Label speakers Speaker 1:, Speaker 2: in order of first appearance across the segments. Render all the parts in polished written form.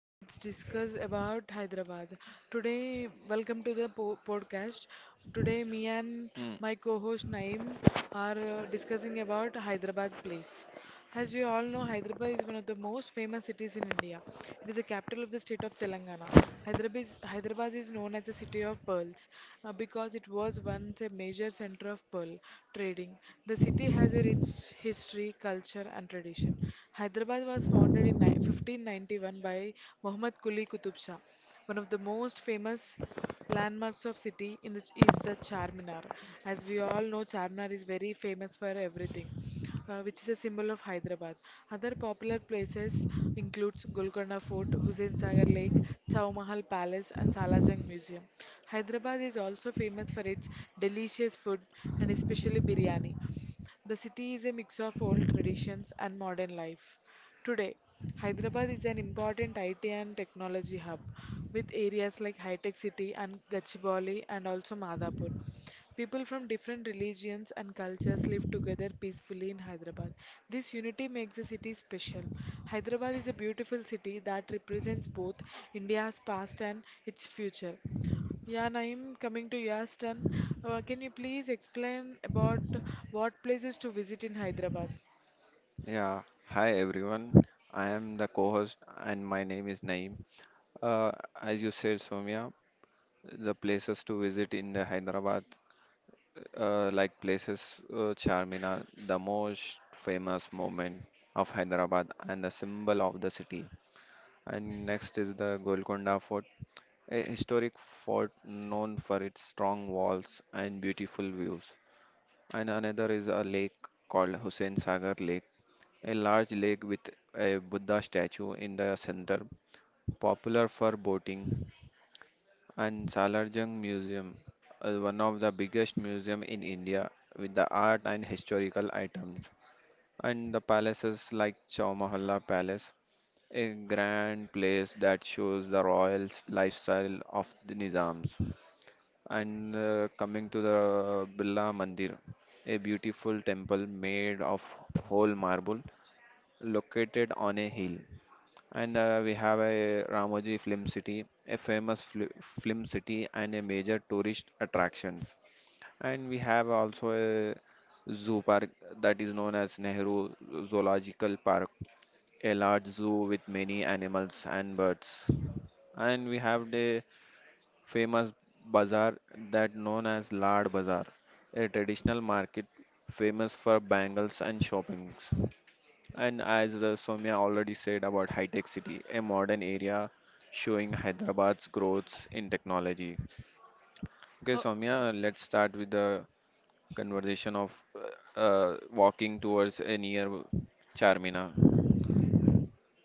Speaker 1: Let's discuss about Hyderabad. Today, welcome to the podcast. Today, me and
Speaker 2: Mm,
Speaker 1: my co-host Naim are discussing about Hyderabad place. As you all know, Hyderabad is one of the most famous cities in India. It is the capital of the state of Telangana. Hyderabad is known as the city of pearls because it was once a major center of pearl trading. The city has a rich history, culture and tradition. Hyderabad was founded in 1591 by Muhammad Quli Qutub Shah. One of the most famous landmarks of city in is the Charminar. As we all know, Charminar is very famous for everything, which is a symbol of Hyderabad. Other popular places includes Golconda Fort, Hussain Sagar Lake, Chow Mahal Palace, and Salajung Museum. Hyderabad is also famous for its delicious food and especially biryani. The city is a mix of old traditions and modern life. Today, Hyderabad is an important IT and technology hub with areas like High Tech City and Gachibowli and also Madhapur. People from different religions and cultures live together peacefully in Hyderabad. This unity makes the city special. Hyderabad is a beautiful city that represents both India's past and its future. Yeah, Naeem, coming to your turn, can you please explain about what places to visit in Hyderabad?
Speaker 2: yeah. Hi everyone. I am the co-host and my name is Naeem. Uh, as you said, Soumya, the places to visit in the Hyderabad, like places Charminar, the most famous monument of Hyderabad and the symbol of the city. And next is the Golconda Fort, a historic fort known for its strong walls and beautiful views. And another is a lake called Hussain Sagar Lake, a large lake with a Buddha statue in the center, popular for boating. And Salarjung Museum is one of the biggest museum in India with the art and historical items. And the palaces like Chowmahalla Palace, a grand place that shows the royal lifestyle of the Nizams. And coming to the Billa Mandir, a beautiful temple made of whole marble located on a hill. And we have a Ramoji Film City, a famous film city and a major tourist attraction. And we have also a zoo park that is known as Nehru Zoological Park, a large zoo with many animals and birds. And we have the famous bazaar that known as Lad Bazaar, a traditional market famous for bangles and shoppings. And as Soumya already said about High Tech City, a modern area showing Hyderabad's growth in technology. Okay,
Speaker 1: Oh,
Speaker 2: Soumya, let's start with the conversation of walking towards a near Charmina.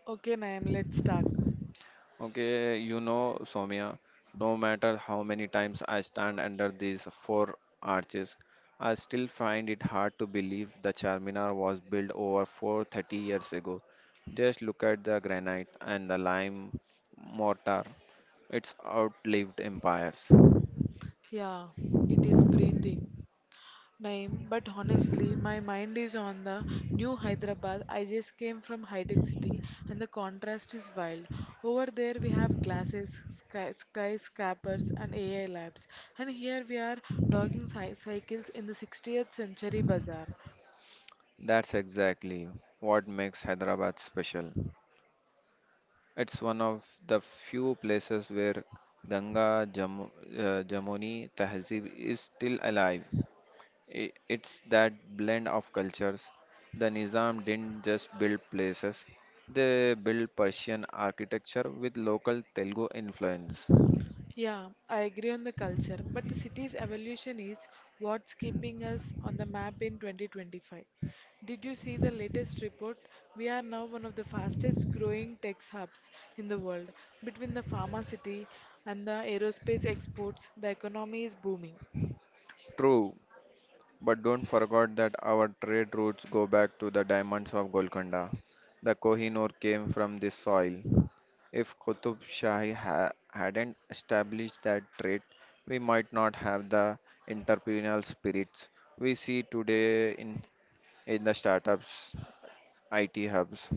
Speaker 1: okay, Naim, let's start.
Speaker 2: Okay, you know, Soumya, no matter how many times I stand under these four arches, I still find it hard to believe the Charminar was built over 430 years ago. Just look at the granite and the lime mortar. It's outlived empires.
Speaker 1: Yeah, it is breathing. Naeem, but honestly, my mind is on the new Hyderabad. I just came from high-tech city and the contrast is wild. Over there we have glasses, skyscrapers and AI labs. And here we are dogging cy cycles in the 60th century bazaar.
Speaker 2: That's exactly what makes Hyderabad special. It's one of the few places where Ganga Jam Jamuni Tehzeeb is still alive. It's that blend of cultures. The Nizam didn't just build places, they built Persian architecture with local Telugu influence.
Speaker 1: Yeah, I agree on the culture, but the city's evolution is what's keeping us on the map in 2025. Did you see the latest report? We are now one of the fastest growing tech hubs in the world. Between the pharma city and the aerospace exports, the economy is booming.
Speaker 2: True, but don't forget that our trade routes go back to the diamonds of Golconda. The Kohinoor came from this soil. If Qutub Shahi hadn't established that trade, we might not have the entrepreneurial spirits we see today in the startups, IT hubs.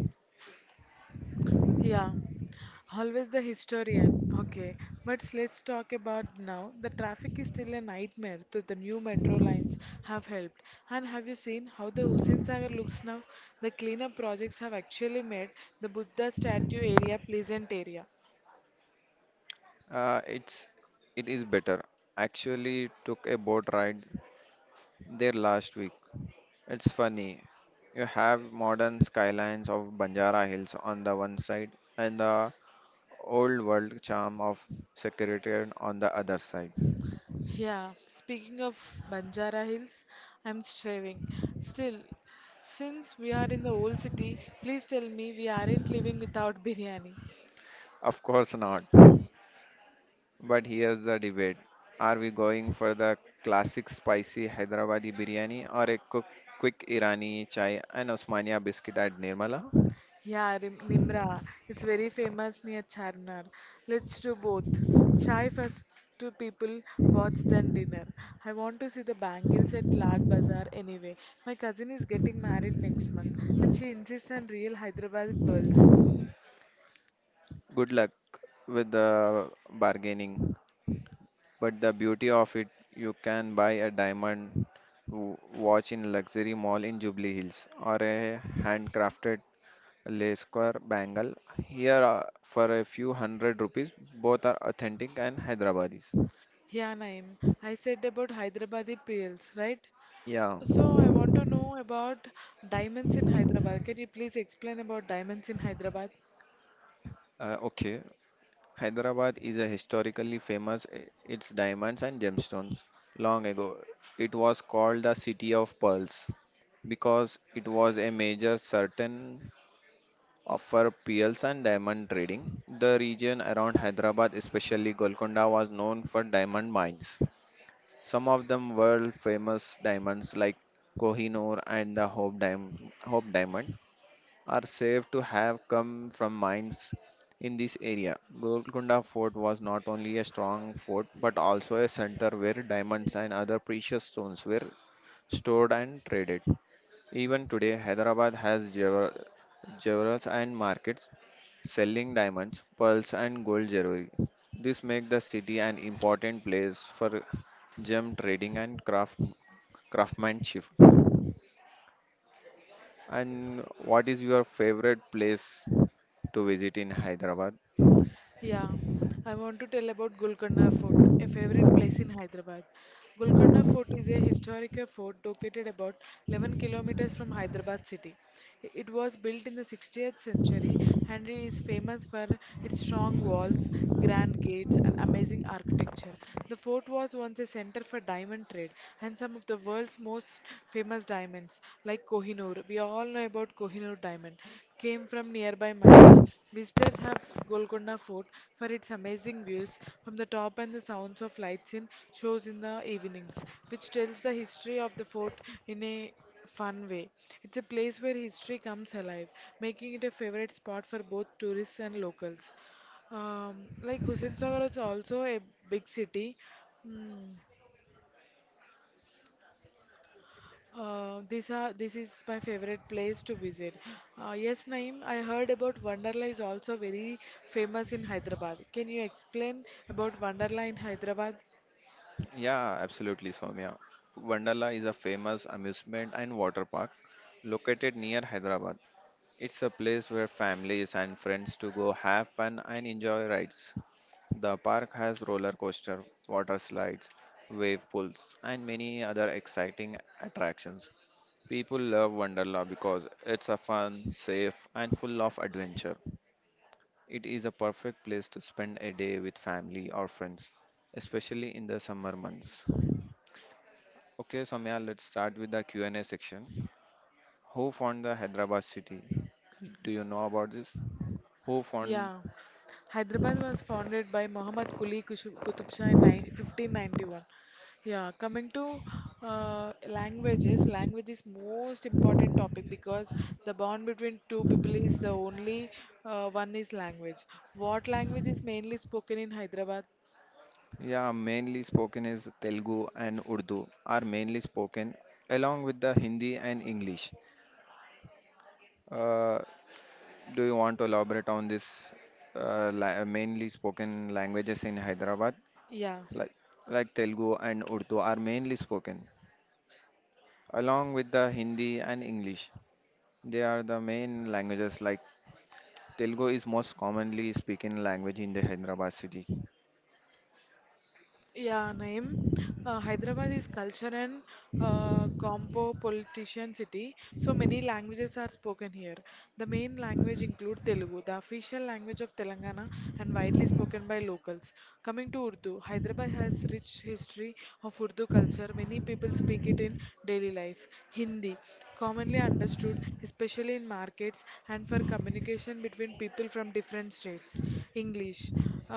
Speaker 1: Yeah, always the historian. Okay, but let's talk about now. The traffic is still a nightmare, so the new metro lines have helped. And have you seen how the Hussein Sagar looks now? The cleanup projects have actually made the Buddha statue area pleasant area.
Speaker 2: It's it is better. Actually, took a boat ride there last week. It's funny. You have modern skylines of Banjara Hills on the one side and the old world charm of Secretariat on the other side.
Speaker 1: Yeah, speaking of Banjara Hills, I'm striving. Still, since we are in the old city, please tell me we aren't living without biryani.
Speaker 2: Of course not. But here's the debate. Are we going for the classic spicy Hyderabadi biryani or a quick Irani chai and Osmania biscuit at Nirmala?
Speaker 1: Yeah, Nimra. It's very famous near Charminar. Let's do both. Chai first to people, watch then dinner. I want to see the bangles at Lad Bazaar anyway. My cousin is getting married next month and she insists on real Hyderabadi pearls.
Speaker 2: Good luck with the bargaining. But the beauty of it, you can buy a diamond watch in a luxury mall in Jubilee Hills or a handcrafted lace square bangle here for a few hundred rupees. Both are authentic and Hyderabadis.
Speaker 1: Yeah, Naim, I said about Hyderabadi pearls, right?
Speaker 2: Yeah.
Speaker 1: So I want to know about diamonds in Hyderabad. Can you please explain about diamonds in Hyderabad?
Speaker 2: Okay. Hyderabad is a historically famous its diamonds and gemstones. Long ago, it was called the City of Pearls because it was a major certain offer pearls and diamond trading. The region around Hyderabad, especially Golconda, was known for diamond mines. Some of them world famous diamonds like Kohinoor and the Hope, Hope Diamond are said to have come from mines in this area. Golconda Fort was not only a strong fort but also a center where diamonds and other precious stones were stored and traded. Even today, Hyderabad has jewelers and markets selling diamonds, pearls, and gold jewelry. This makes the city an important place for gem trading and craftsmanship. And what is your favorite place to visit in Hyderabad?
Speaker 1: Yeah, I want to tell about Golconda Fort, a favorite place in Hyderabad. Golconda Fort is a historical fort located about 11 kilometers from Hyderabad city. It was built in the 16th century and it is famous for its strong walls, grand gates, and amazing architecture. The fort was once a center for diamond trade and some of the world's most famous diamonds, like Kohinoor. We all know about Kohinoor diamond, came from nearby mines. Visitors have Golconda Fort for its amazing views from the top and the sounds of lights in shows in the evenings, which tells the history of the fort in a fun way. It's a place where history comes alive, making it a favorite spot for both tourists and locals. Like Hussain Sagar is also a big city. Hmm. These are This is my favorite place to visit. Yes, Naeem, I heard about Wonderla is also very famous in Hyderabad. Can you explain about Wonderla in Hyderabad?
Speaker 2: Yeah, absolutely, Soumya. Wonderla is a famous amusement and water park located near Hyderabad. It's a place where families and friends to go have fun and enjoy rides. The park has roller coaster, water slides, wave pools, and many other exciting attractions. People love Wonderla because it's a fun, safe, and full of adventure. It is a perfect place to spend a day with family or friends, especially in the summer months. Okay, Samya, let's start with the Q&A section. Who found the Hyderabad city? Do you know about this? Who found?
Speaker 1: Yeah, Hyderabad was founded by Muhammad Quli Qutub Shah in 1591. Yeah, coming to languages, language is most important topic because the bond between two people is the only one is language. What language is mainly spoken in Hyderabad?
Speaker 2: Yeah, mainly spoken is Telugu and Urdu are mainly spoken along with the Hindi and English. Uh, do you want to elaborate on this mainly spoken languages in Hyderabad?
Speaker 1: Yeah,
Speaker 2: Like, like Telugu and Urdu are mainly spoken along with the Hindi and English. They are the main languages like Telugu is most commonly spoken language in the Hyderabad city.
Speaker 1: yeah, Naeem. Hyderabad is culture and compo-politician city, so many languages are spoken here. The main language include Telugu, the official language of Telangana and widely spoken by locals. Coming to Urdu, Hyderabad has rich history of Urdu culture. Many people speak it in daily life. Hindi, commonly understood, especially in markets and for communication between people from different states. English.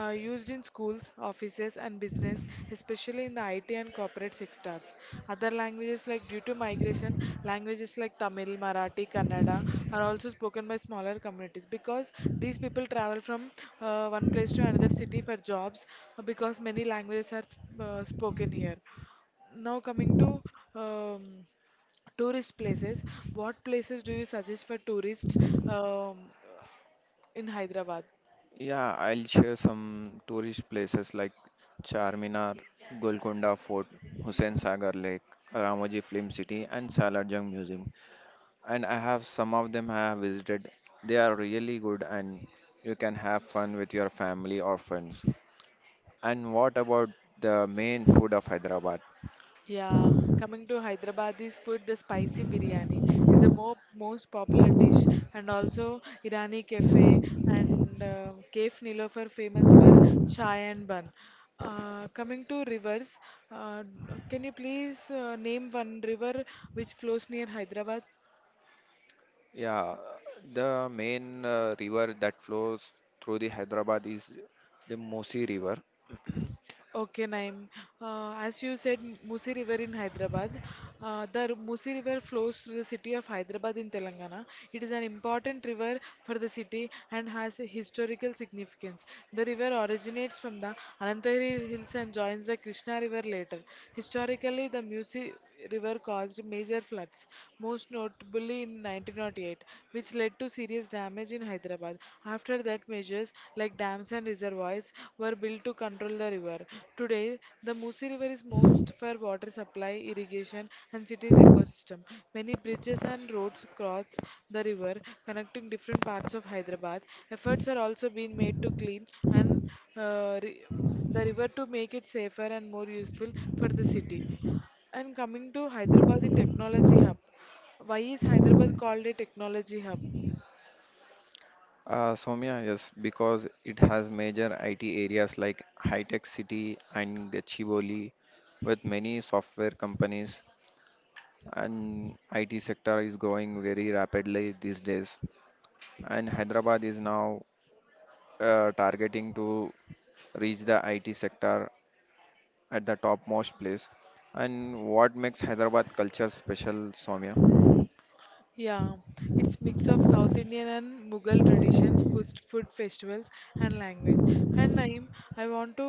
Speaker 1: Used in schools, offices, and business, especially in the IT and corporate sectors. Other languages, like due to migration, languages like Tamil, Marathi, Kannada are also spoken by smaller communities because these people travel from one place to another city for jobs because many languages are spoken here. Now, coming to um, tourist places, what places do you suggest for tourists um, in Hyderabad?
Speaker 2: Yeah, I'll share some tourist places like Charminar, Golconda Fort, Hussain Sagar Lake, Ramoji Film City, and Salar Jung Museum. And I have some of them I have visited. They are really good, and you can have fun with your family or friends. And what about the main food of Hyderabad?
Speaker 1: Yeah, coming to Hyderabadi's food, the spicy biryani is the more most popular dish, and also Irani Cafe and Cafe Nilofer famous for chai and bun. Coming to rivers, uh, can you please name one river which flows near Hyderabad?
Speaker 2: Yeah, the main river that flows through the Hyderabad is the Musi River.
Speaker 1: Okay, Naim. As you said, Musi River in Hyderabad. The Musi River flows through the city of Hyderabad in Telangana. It is an important river for the city and has a historical significance. The river originates from the Anantagiri Hills and joins the Krishna River later. Historically, the Musi River caused major floods, most notably in 1908, which led to serious damage in Hyderabad. After that, measures like dams and reservoirs, were built to control the river. Today, the Musi River is most for water supply, irrigation, and city's ecosystem. Many bridges and roads cross the river, connecting different parts of Hyderabad. Efforts are also being made to clean and uh, re- the river to make it safer and more useful for the city. And coming to Hyderabad, the technology hub. Why is Hyderabad called a technology hub?
Speaker 2: Soumya, yes, because it has major IT areas like High Tech City and Gachibowli, with many software companies, and IT sector is growing very rapidly these days. And Hyderabad is now targeting to reach the IT sector at the topmost place. And what makes Hyderabad culture special, Soumya?
Speaker 1: Yeah, it's mix of South Indian and Mughal traditions, food festivals, and language. And Naeem, I want to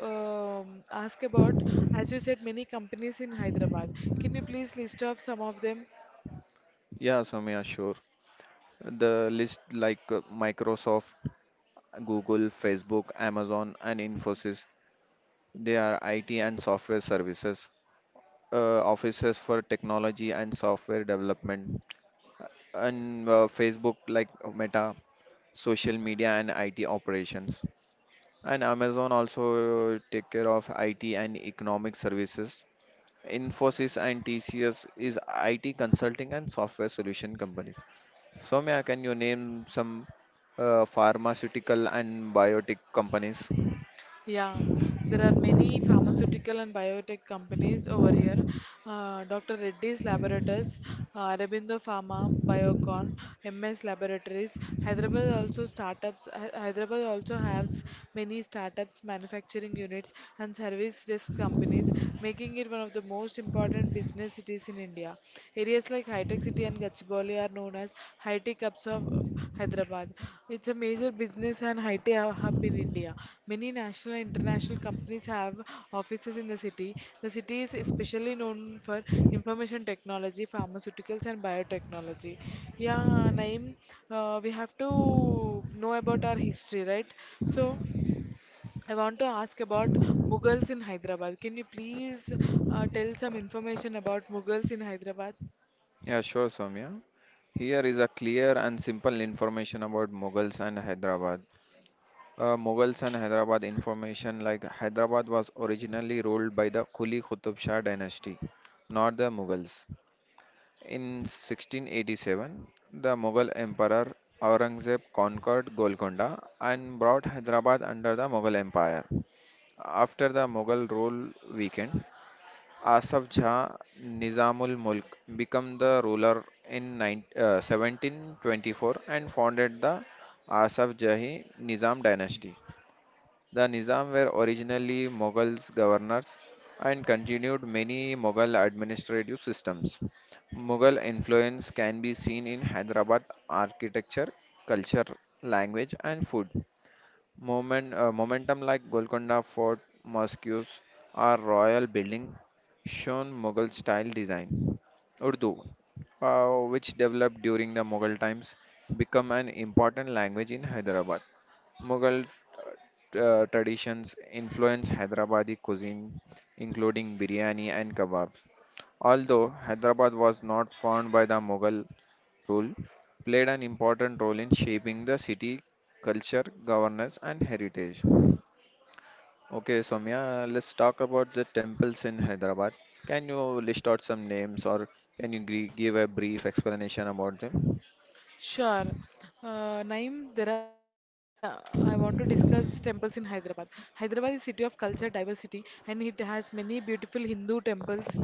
Speaker 1: ask about, as you said, many companies in Hyderabad. Can you please list off some of them?
Speaker 2: Yeah, Soumya, sure. The list like Microsoft, Google, Facebook, Amazon, and Infosys. They are IT and software services, offices for technology and software development, and Facebook like Meta, social media and IT operations. And Amazon also take care of IT and economic services. Infosys and TCS is IT consulting and software solution companies. Soumya, can you name some pharmaceutical and biotech companies?
Speaker 1: Yeah, there are many pharmaceutical and biotech companies over here. Dr. Reddy's Laboratories, Aurobindo Pharma, Biocon, MS Laboratories. Hyderabad also has many startups, manufacturing units, and service desk companies, making it one of the most important business cities in India. Areas it's like Hi-Tech City and Gachibowli are known as high-tech hubs of Hyderabad. It's a major business and high-tech hub in India. Many national and international companies have offices in the city. The city is especially known for information technology, pharmaceuticals, and biotechnology. Yeah, Naeem, we have to know about our history, right? So, I want to ask about Mughals in Hyderabad. Can you please tell some information about Mughals in Hyderabad?
Speaker 2: Yeah, sure, Soumya. Here is a clear and simple information about Mughals and Hyderabad. Mughals and Hyderabad information like Hyderabad was originally ruled by the Quli Qutub Shah dynasty, not the Mughals. In 1687, the Mughal emperor Aurangzeb conquered Golconda and brought Hyderabad under the Mughal empire. After the Mughal rule weakened, Asaf Jah Nizamul Mulk became the ruler in 9, 1724 and founded the Asaf Jahi Nizam dynasty. The Nizam were originally Mughals governors and continued many Mughal administrative systems. Mughal influence can be seen in Hyderabad architecture, culture, language, and food. Momentum like Golconda Fort mosques are royal building shown Mughal style design. Urdu, which developed during the Mughal times, become an important language in Hyderabad. Mughal traditions influence Hyderabadi cuisine, including biryani and kebabs. Although Hyderabad was not found by the Mughal, rule played an important role in shaping the city culture, governance, and heritage. Okay, Soumya, let's talk about the temples in Hyderabad. Can you list out some names or can you give a brief explanation about them?
Speaker 1: Sure. Naeem, I want to discuss temples in Hyderabad. Hyderabad is a city of culture diversity and it has many beautiful Hindu temples.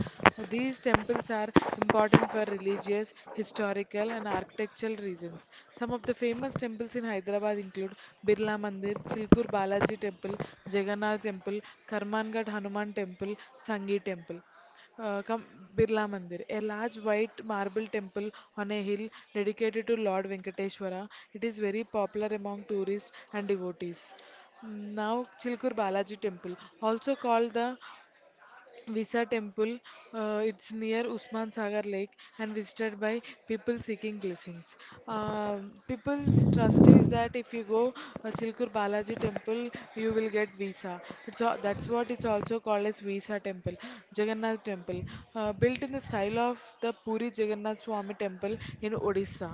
Speaker 1: These temples are important for religious, historical and architectural reasons. Some of the famous temples in Hyderabad include Birla Mandir, Chilkur Balaji Temple, Jagannath Temple, Karmangad Hanuman Temple, Sangi Temple. Come Birla Mandir, a large white marble temple on a hill dedicated to Lord Venkateshwara. It is very popular among tourists and devotees. Mm, now, Chilkur Balaji Temple, also called the Visa temple, it's near Usman Sagar Lake and visited by people seeking blessings. People's trust is that if you go Chilkur Balaji temple, you will get visa. That's what it's also called as visa temple, Jagannath temple, built in the style of the Puri Jagannath Swami temple in Odisha.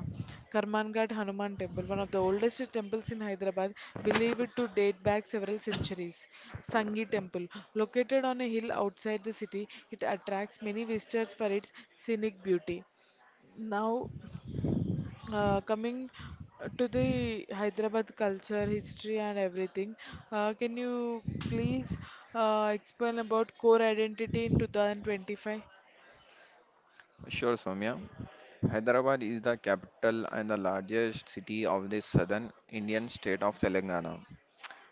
Speaker 1: Karmanghat Hanuman Temple, one of the oldest temples in Hyderabad, believed to date back several centuries. Sangi Temple, located on a hill outside the city, it attracts many visitors for its scenic beauty. Now, coming to the Hyderabad culture, history, and everything, can you please explain about core identity in 2025?
Speaker 2: Sure, Soumya. Hyderabad is the capital and the largest city of the southern Indian state of Telangana,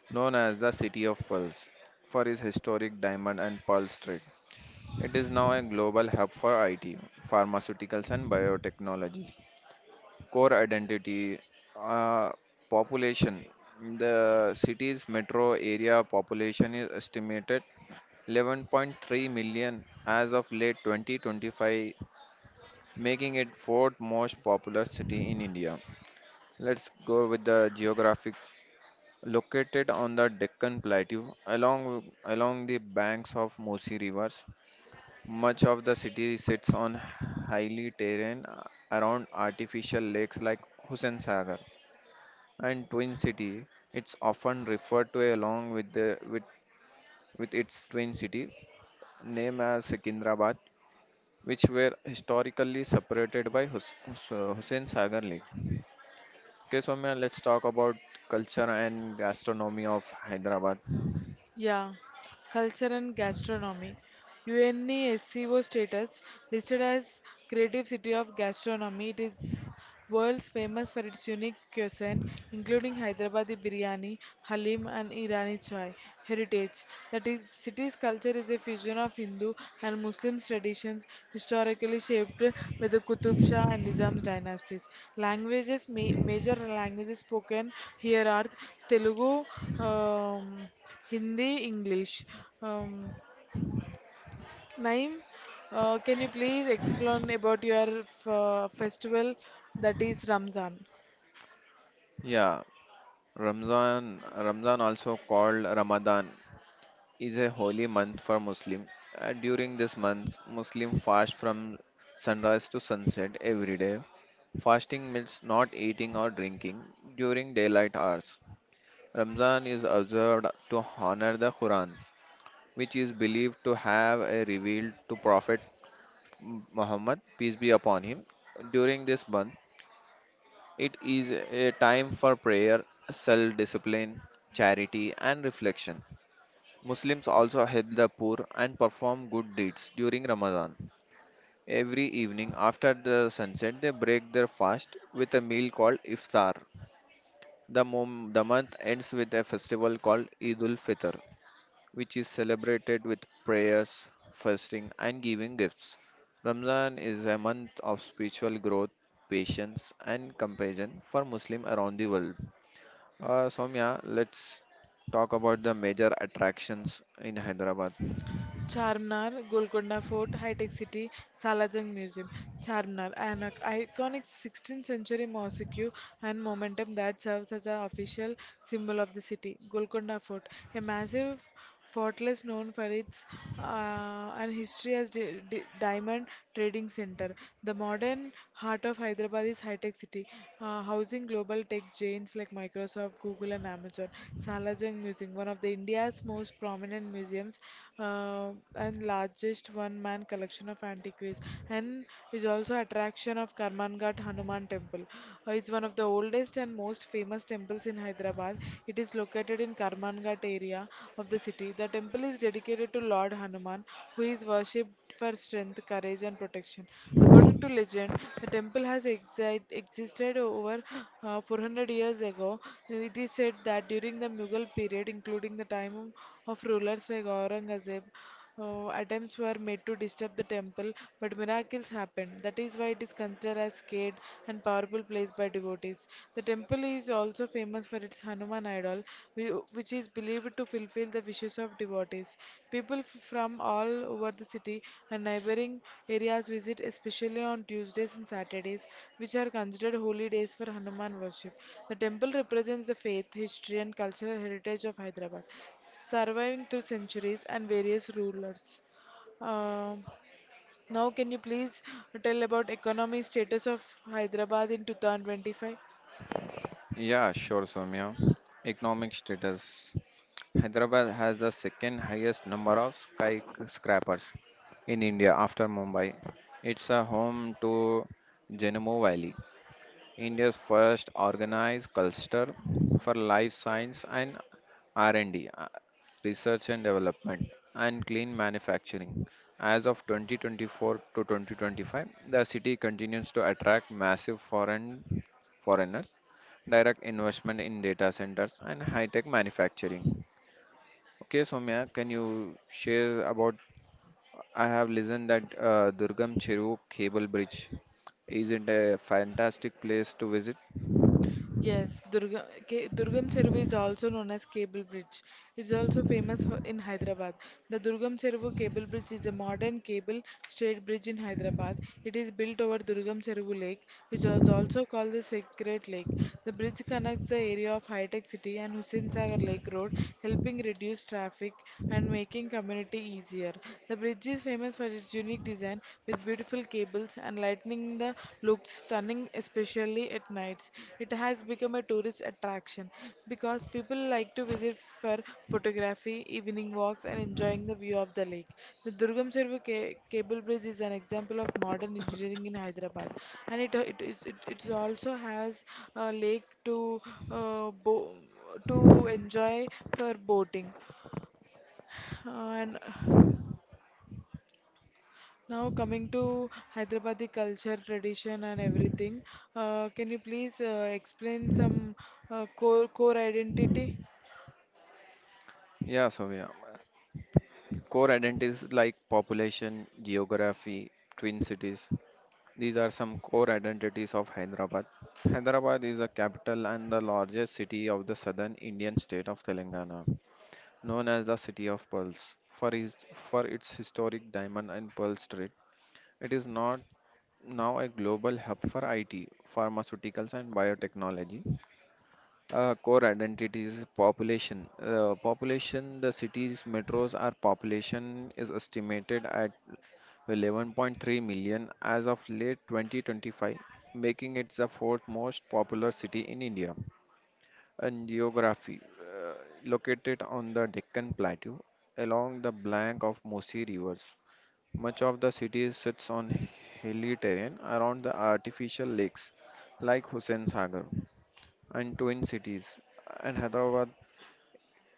Speaker 2: known as the City of Pearls for its historic diamond and pearl trade. It is now a global hub for IT, pharmaceuticals, and biotechnology. Core identity, uh, population. The city's metro area population is estimated 11.3 million as of late 2025, making it fourth most populous city in India. Let's go with the geographic located on the Deccan Plateau along the banks of Musi rivers. Much of the city sits on highly terrain around artificial lakes like Hussain Sagar and Twin City. It's often referred to along with its twin city name as Secunderabad, which were historically separated by Hussain Sagar Lake. Okay, so man, let's talk about culture and gastronomy of Hyderabad.
Speaker 1: Yeah, culture and gastronomy. UNESCO status listed as Creative City of Gastronomy. It is world's famous for its unique cuisine, including Hyderabadi biryani, halim, and Irani chai. Heritage. That is, city's culture is a fusion of Hindu and Muslim traditions, historically shaped by the Qutub Shah and Nizam dynasties. Languages, major languages spoken here are Telugu. Um, Hindi, English. Um, Naeem, can you please explain about your festival that is Ramzan?
Speaker 2: Yeah, Ramzan, also called Ramadan, is a holy month for Muslim. During this month, Muslim fast from sunrise to sunset every day. Fasting means not eating or drinking during daylight hours. Ramzan is observed to honor the Quran, which is believed to have a revealed to Prophet Muhammad, peace be upon him. During this month, it is a time for prayer, self discipline, charity, and reflection. Muslims also help the poor and perform good deeds during Ramadan. Every evening after the sunset, they break their fast with a meal called iftar. The month ends with a festival called Eid ul Fitr, which is celebrated with prayers, fasting, and giving gifts. Ramadan is a month of spiritual growth, patience, and compassion for Muslims around the world. Soumya, let's talk about the major attractions in Hyderabad.
Speaker 1: Charminar, Golconda Fort, High Tech City, Salajang Museum. Charminar, an iconic 16th century mosque and monument that serves as the official symbol of the city. Golconda Fort, a massive fortress known for its and history as diamond trading center. The modern heart of Hyderabad is High Tech City, housing global tech giants like Microsoft, Google, and Amazon. Salar Jung Museum, one of the India's most prominent museums, and largest one-man collection of antiquities, and is also attraction of Karmanghat Hanuman Temple. It's one of the oldest and most famous temples in Hyderabad. It is located in Karmanghat area of the city. The temple is dedicated to Lord Hanuman, who is worshipped for strength, courage, and protection. According to legend, the temple has existed over 400 years ago. It is said that during the Mughal period, including the time of rulers like Aurangzeb, attempts were made to disturb the temple, but miracles happened. That is why it is considered as sacred and powerful place by devotees. The temple is also famous for its Hanuman idol, which is believed to fulfill the wishes hundreds of devotees. People from all over the city and neighboring areas visit, especially on Tuesdays and Saturdays, which are considered holy days for Hanuman worship. The temple represents the faith, history, and cultural heritage of Hyderabad, surviving through centuries and various rulers. Um Now, can you please tell about economy status of Hyderabad in 2025?
Speaker 2: Yeah, sure, Soumya. Economic status. Hyderabad has the second highest number of skyscrapers in India after Mumbai. It's a home to Genemo Valley, India's first organized cluster for life science and R&D, research and development, and clean manufacturing. As of 2024 to 2025, the city continues to attract massive foreigners direct investment in data centers, and high-tech manufacturing. Okay, Soumya, can you share about? I have listened that Durgam Cheru Cable Bridge is it a fantastic place to visit?
Speaker 1: Yes, Durga, K, Durgam Cheruvu is also known as Cable Bridge. It's also famous for, in Hyderabad. The Durgam Cheruvu Cable Bridge is a modern cable straight bridge in Hyderabad. It is built over Durgam Cheruvu Lake, which was also called the Sacred Lake. The bridge connects the area of High-Tech City and Hussain Sagar Lake Road, helping reduce traffic and making community easier. The bridge is famous for its unique design, beautiful cables and lightning the looks stunning, especially at nights. It has become a tourist attraction because people like to visit for photography, evening walks, and enjoying the view of the lake. The Durgam Servu cable bridge is an example of modern engineering in Hyderabad, and it also has a lake to uh, bo- to enjoy for boating, and now coming to Hyderabadi culture, tradition, and everything, can you please explain some core identity?
Speaker 2: Yeah, Soumya. Core identities like population, geography, twin cities. These are some core identities of Hyderabad. Hyderabad is the capital and the largest city of the southern Indian state of Telangana, known as the City of Pearls for its historic diamond and pearl trade. It is not now a global hub for IT, pharmaceuticals, and biotechnology. Core identity is population. The city's metros are population is estimated at 11.3 million as of late 2025, making it the fourth most populous city in India, and geography, located on the Deccan Plateau along the bank of Mosi rivers. Much of the city sits on hilly terrain around the artificial lakes like Hussain Sagar and Twin Cities. And Hyderabad,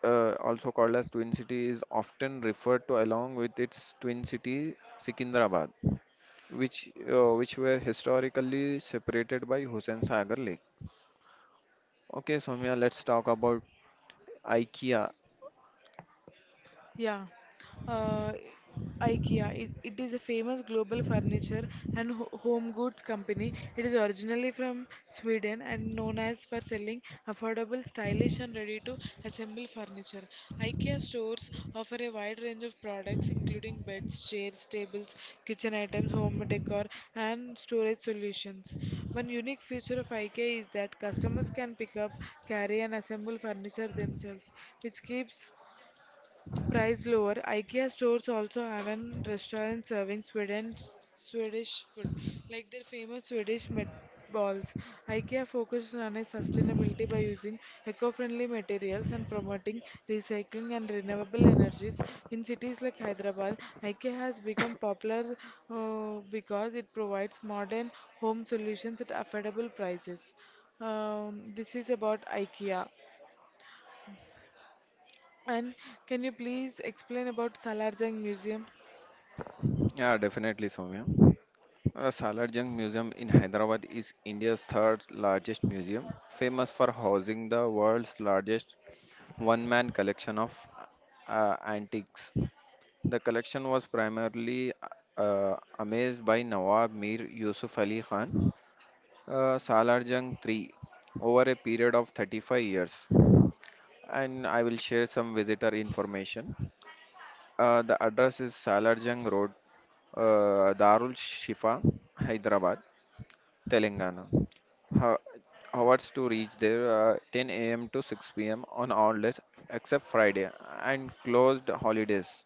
Speaker 2: also called as Twin City, is often referred to along with its twin city Secunderabad, which were historically separated by Hussain Sagar Lake. Okay, Soumya, let's talk about IKEA.
Speaker 1: Yeah, uh, IKEA. It is a famous global furniture and ho home goods company. It is originally from Sweden and known as for selling affordable, stylish, and ready-to-assemble furniture. IKEA stores offer a wide range of products, including beds, chairs, tables, kitchen items, home decor, and storage solutions. One unique feature of IKEA is that customers can pick up, carry, and assemble furniture themselves, which keeps price lower. IKEA stores also have an restaurant serving Sweden Swedish food, like their famous Swedish meatballs. IKEA focuses on its sustainability by using eco-friendly materials and promoting recycling and renewable energies. In cities like Hyderabad, IKEA has become popular because it provides modern home solutions at affordable prices. This is about IKEA. And can you please explain about Salarjung Museum?
Speaker 2: Yeah, definitely, Soumya. Salar Jung Museum in Hyderabad is India's third largest museum, famous for housing the world's largest one man collection of antiques. The collection was primarily amazed by Nawab Mir Yusuf Ali Khan, Salar Jung III, over a period of 35 years. And I will share some visitor information. The address is Salar Jung Road, Darul Shifa, Hyderabad, Telangana. Ho- Hours to reach there 10 a.m. to 6 p.m. on all days except Friday and closed holidays.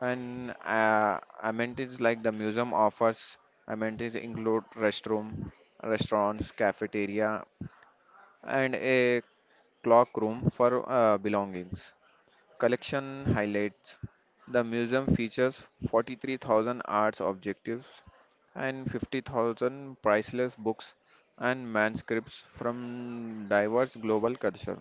Speaker 2: And amenities like the museum offers amenities include restroom, restaurants, cafeteria, and a clock room for belongings. Collection highlights, the museum features 43,000 arts objectives and 50,000 priceless books and manuscripts from diverse global culture.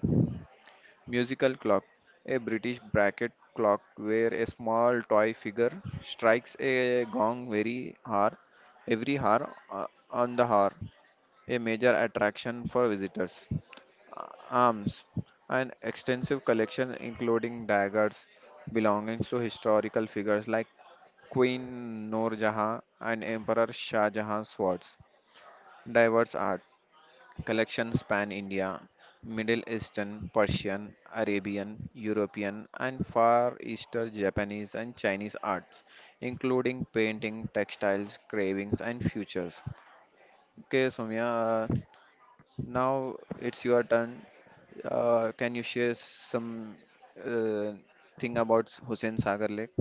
Speaker 2: Musical clock, a British bracket clock where a small toy figure strikes a gong very hour, every hour on the hour, a major attraction for visitors arms, an extensive collection including daggers belonging to historical figures like Queen Noor Jahan and Emperor Shah Jahan's swords. Diverse art collections span India, Middle Eastern, Persian, Arabian, European, and Far Eastern Japanese and Chinese arts, including painting, textiles, carvings, and futures. Okay, Soumya, uh, now it's your turn. Can you share some uh, thing about Hussein Sagar Lake?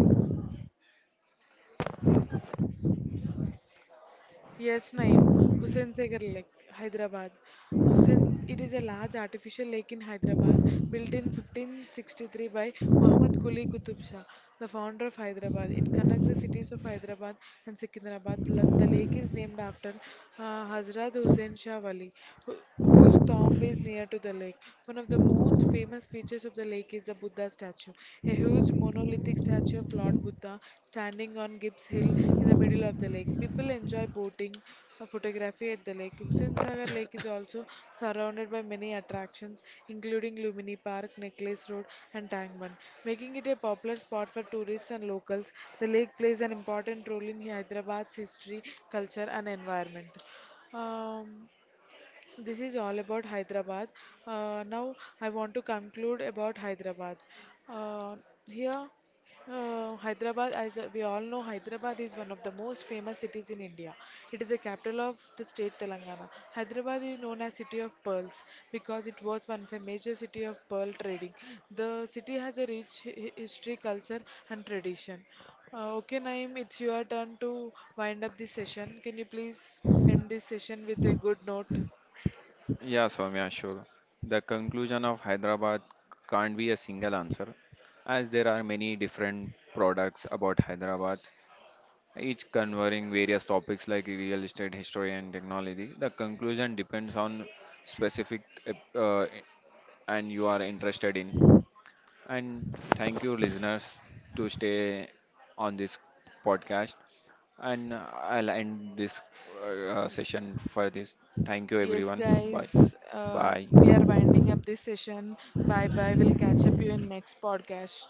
Speaker 1: Yes, Naeem. Hussain Sagar Lake, Hyderabad. Hussain, it is a large artificial lake in Hyderabad, built in 1563 by Muhammad Quli Qutub Shah, the founder of Hyderabad. It connects the cities of Hyderabad and Secunderabad. The lake is named after Hazrat Hussain Shah Wali, who, whose tomb is near to the lake. One of the most famous features of the lake is the Buddha statue, a huge monolithic statue of Lord Buddha standing on Gibbs Hill in the middle of the lake. People enjoy boating, photography at the lake. Hussain Sagar Lake is also surrounded by many attractions, including Lumini Park, Necklace Road, and Tangman, making it a popular spot for tourists and locals. The lake plays an important role in Hyderabad's history, culture, and environment. Um, this is all about Hyderabad. Now I want to conclude about Hyderabad. Uh, here, Hyderabad, as we all know, Hyderabad is one of the most famous cities in India. It is the capital of the state Telangana. Hyderabad is known as City of Pearls because it was once a major city of pearl trading. The city has a rich history, culture, and tradition. Okay, Naeem, it's your turn to wind up this session. Can you please end this session with a good note?
Speaker 2: Yeah, Soumya, sure. The conclusion of Hyderabad can't be a single answer, as there are many different products about Hyderabad, each covering various topics like real estate, history, and technology. The conclusion depends on specific and you are interested in. And thank you listeners to stay on this podcast, and I'll end this session for this. Thank you
Speaker 1: Yes,
Speaker 2: everyone. Bye
Speaker 1: guys, we
Speaker 2: bye.
Speaker 1: are winding up this session. Bye bye. We'll catch up you in next podcast.